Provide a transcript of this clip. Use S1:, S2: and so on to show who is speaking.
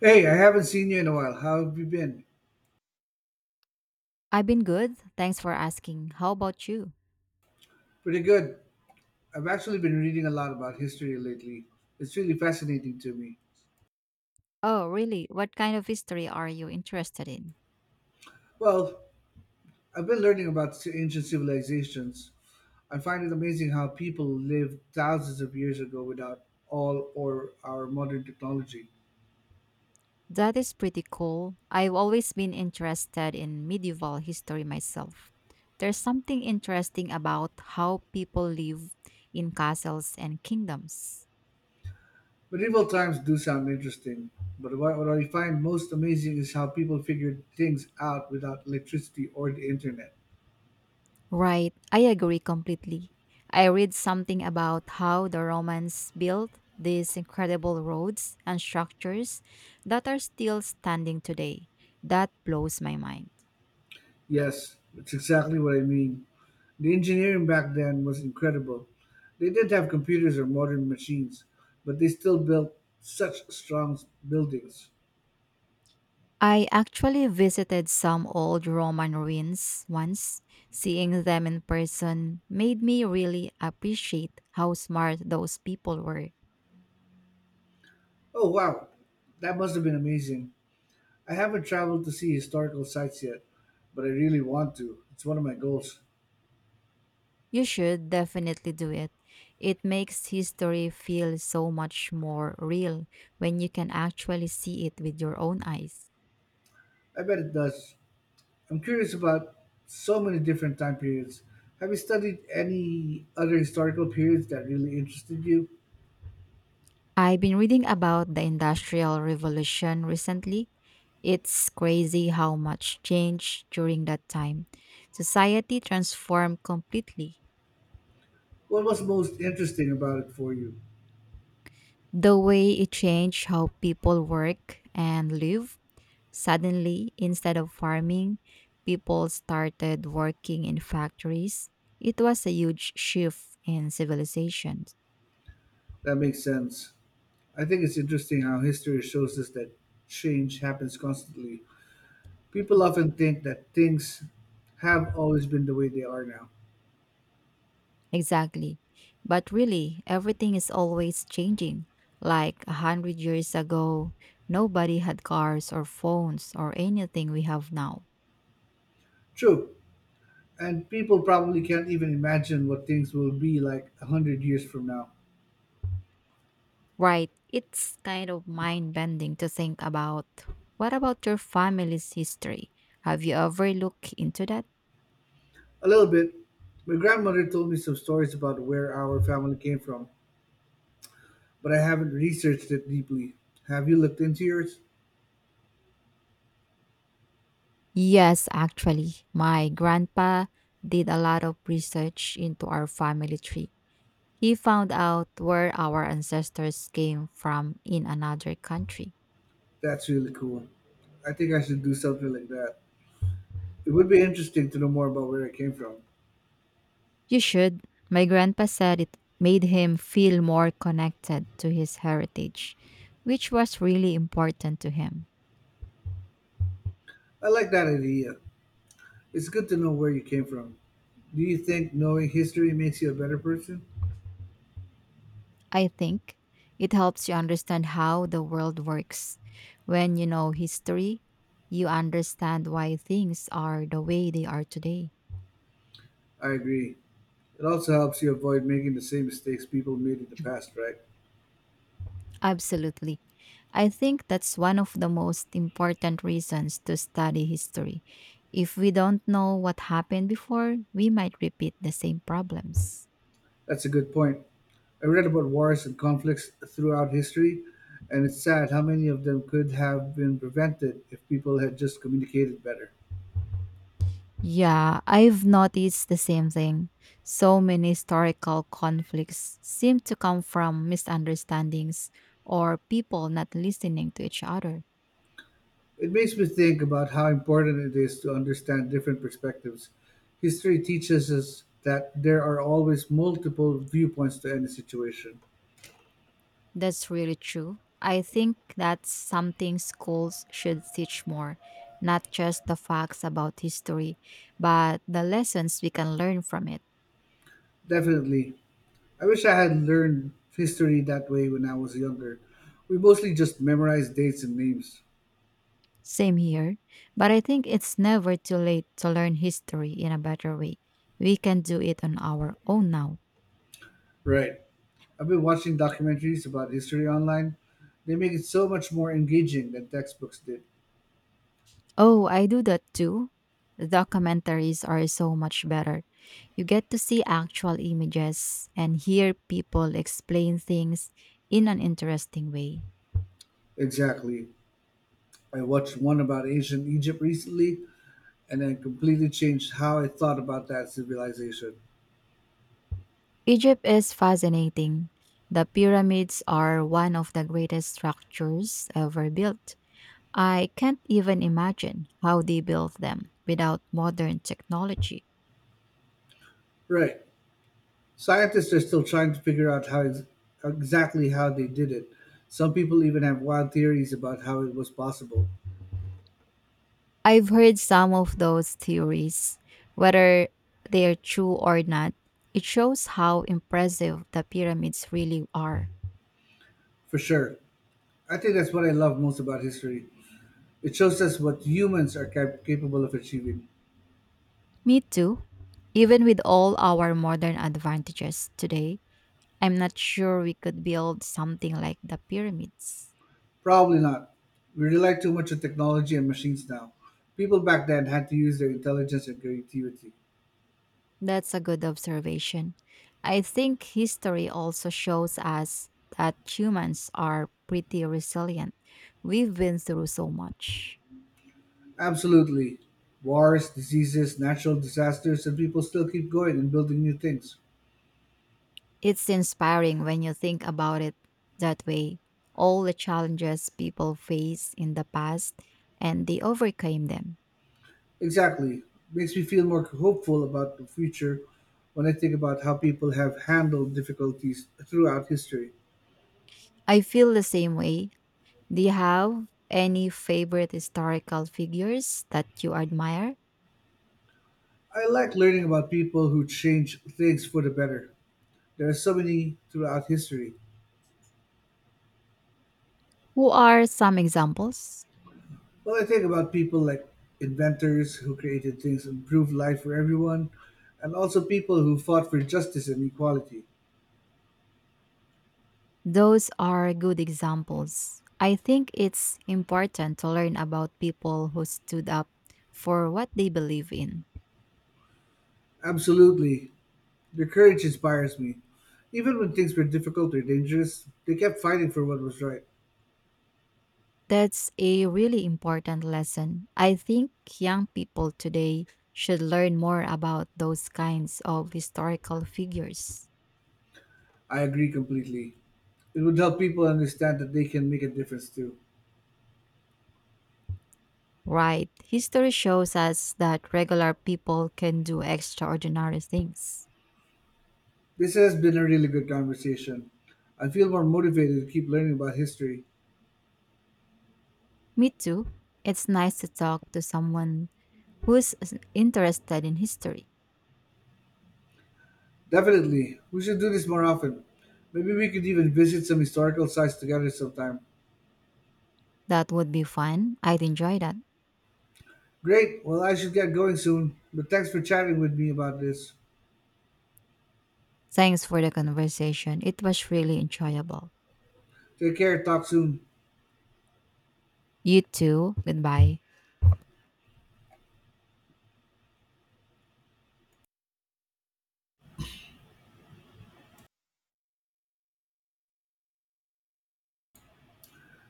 S1: Hey, I haven't seen you in a while. How have you been?
S2: I've been good. Thanks for asking. How about you?
S1: Pretty good. I've actually been reading a lot about history lately. It's really fascinating to me.
S2: Oh, really? What kind of history are you interested in?
S1: Well, I've been learning about ancient civilizations. I find it amazing how people lived thousands of years ago without all or our modern technology.
S2: That is pretty cool. I've always been interested in medieval history myself. There's something interesting about how people lived in castles and kingdoms.
S1: Medieval times do sound interesting, but what I find most amazing is how people figured things out without electricity or the internet.
S2: Right, I agree completely. I read something about how the Romans built these incredible roads and structures that are still standing today. That blows my mind.
S1: Yes, that's exactly what I mean. The engineering back then was incredible. They didn't have computers or modern machines, but they still built such strong buildings.
S2: I actually visited some old Roman ruins once. Seeing them in person made me really appreciate how smart those people were.
S1: Oh, wow. That must have been amazing. I haven't traveled to see historical sites yet, but I really want to. It's one of my goals.
S2: You should definitely do it. It makes history feel so much more real when you can actually see it with your own eyes.
S1: I bet it does. I'm curious about so many different time periods. Have you studied any other historical periods that really interested you?
S2: I've been reading about the Industrial Revolution recently. It's crazy how much changed during that time. Society transformed completely.
S1: What was most interesting about it for you?
S2: The way it changed how people work and live. Suddenly, instead of farming, people started working in factories. It was a huge shift in civilization.
S1: That makes sense. I think it's interesting how history shows us that change happens constantly. People often think that things have always been the way they are now.
S2: Exactly. But really, everything is always changing. Like 100 years ago, nobody had cars or phones or anything we have now.
S1: True, and people probably can't even imagine what things will be like 100 years from now.
S2: Right. It's kind of mind bending to think about. What about your family's history? Have you ever looked into that?
S1: A little bit. My grandmother told me some stories about where our family came from, but I haven't researched it deeply. Have you looked into yours?
S2: Yes, actually. My grandpa did a lot of research into our family tree. He found out where our ancestors came from in another country.
S1: That's really cool. I think I should do something like that. It would be interesting to know more about where I came from.
S2: You should. My grandpa said it made him feel more connected to his heritage, which was really important to him.
S1: I like that idea. It's good to know where you came from. Do you think knowing history makes you a better person?
S2: I think it helps you understand how the world works. When you know history, you understand why things are the way they are today.
S1: I agree. It also helps you avoid making the same mistakes people made in the past, right?
S2: Absolutely. I think that's one of the most important reasons to study history. If we don't know what happened before, we might repeat the same problems.
S1: That's a good point. I read about wars and conflicts throughout history, and it's sad how many of them could have been prevented if people had just communicated better.
S2: Yeah, I've noticed the same thing. So many historical conflicts seem to come from misunderstandings or people not listening to each other.
S1: It makes me think about how important it is to understand different perspectives. History teaches us that there are always multiple viewpoints to any situation.
S2: That's really true. I think that's something schools should teach more, not just the facts about history, but the lessons we can learn from it.
S1: Definitely, I wish I had learned history that way when I was younger. We mostly just memorized dates and names.
S2: Same here, but I think it's never too late to learn history in a better way. We can do it on our own now.
S1: Right. I've been watching documentaries about history online. They make it so much more engaging than textbooks did.
S2: Oh, I do that too. Documentaries are so much better. You get to see actual images and hear people explain things in an interesting way.
S1: Exactly. I watched one about ancient Egypt recently, and it completely changed how I thought about that civilization.
S2: Egypt is fascinating. The pyramids are one of the greatest structures ever built. I can't even imagine how they built them without modern technology.
S1: Right. Scientists are still trying to figure out exactly how they did it. Some people even have wild theories about how it was possible.
S2: I've heard some of those theories, whether they are true or not. It shows how impressive the pyramids really are.
S1: For sure. I think that's what I love most about history. It shows us what humans are capable of achieving.
S2: Me too. Even with all our modern advantages today, I'm not sure we could build something like the pyramids.
S1: Probably not. We rely too much on technology and machines now. People back then had to use their intelligence and creativity.
S2: That's a good observation. I think history also shows us that humans are pretty resilient. We've been through so much.
S1: Absolutely. Wars, diseases, natural disasters, and people still keep going and building new things.
S2: It's inspiring when you think about it that way. All the challenges people faced in the past and they overcame them.
S1: Exactly. Makes me feel more hopeful about the future when I think about how people have handled difficulties throughout history.
S2: I feel the same way. Do you have any favorite historical figures that you admire?
S1: I like learning about people who change things for the better. There are so many throughout history.
S2: Who are some examples?
S1: Well, I think about people like inventors who created things and improved life for everyone, and also people who fought for justice and equality.
S2: Those are good examples. I think it's important to learn about people who stood up for what they believe in.
S1: Absolutely. Their courage inspires me. Even when things were difficult or dangerous, they kept fighting for what was right.
S2: That's a really important lesson. I think young people today should learn more about those kinds of historical figures.
S1: I agree completely. It would help people understand that they can make a difference too.
S2: Right. History shows us that regular people can do extraordinary things.
S1: This has been a really good conversation. I feel more motivated to keep learning about history.
S2: Me too. It's nice to talk to someone who's interested in history.
S1: Definitely. We should do this more often. Maybe we could even visit some historical sites together sometime.
S2: That would be fun. I'd enjoy that.
S1: Great. Well, I should get going soon, but thanks for chatting with me about this.
S2: Thanks for the conversation. It was really enjoyable.
S1: Take care. Talk soon.
S2: You too. Goodbye.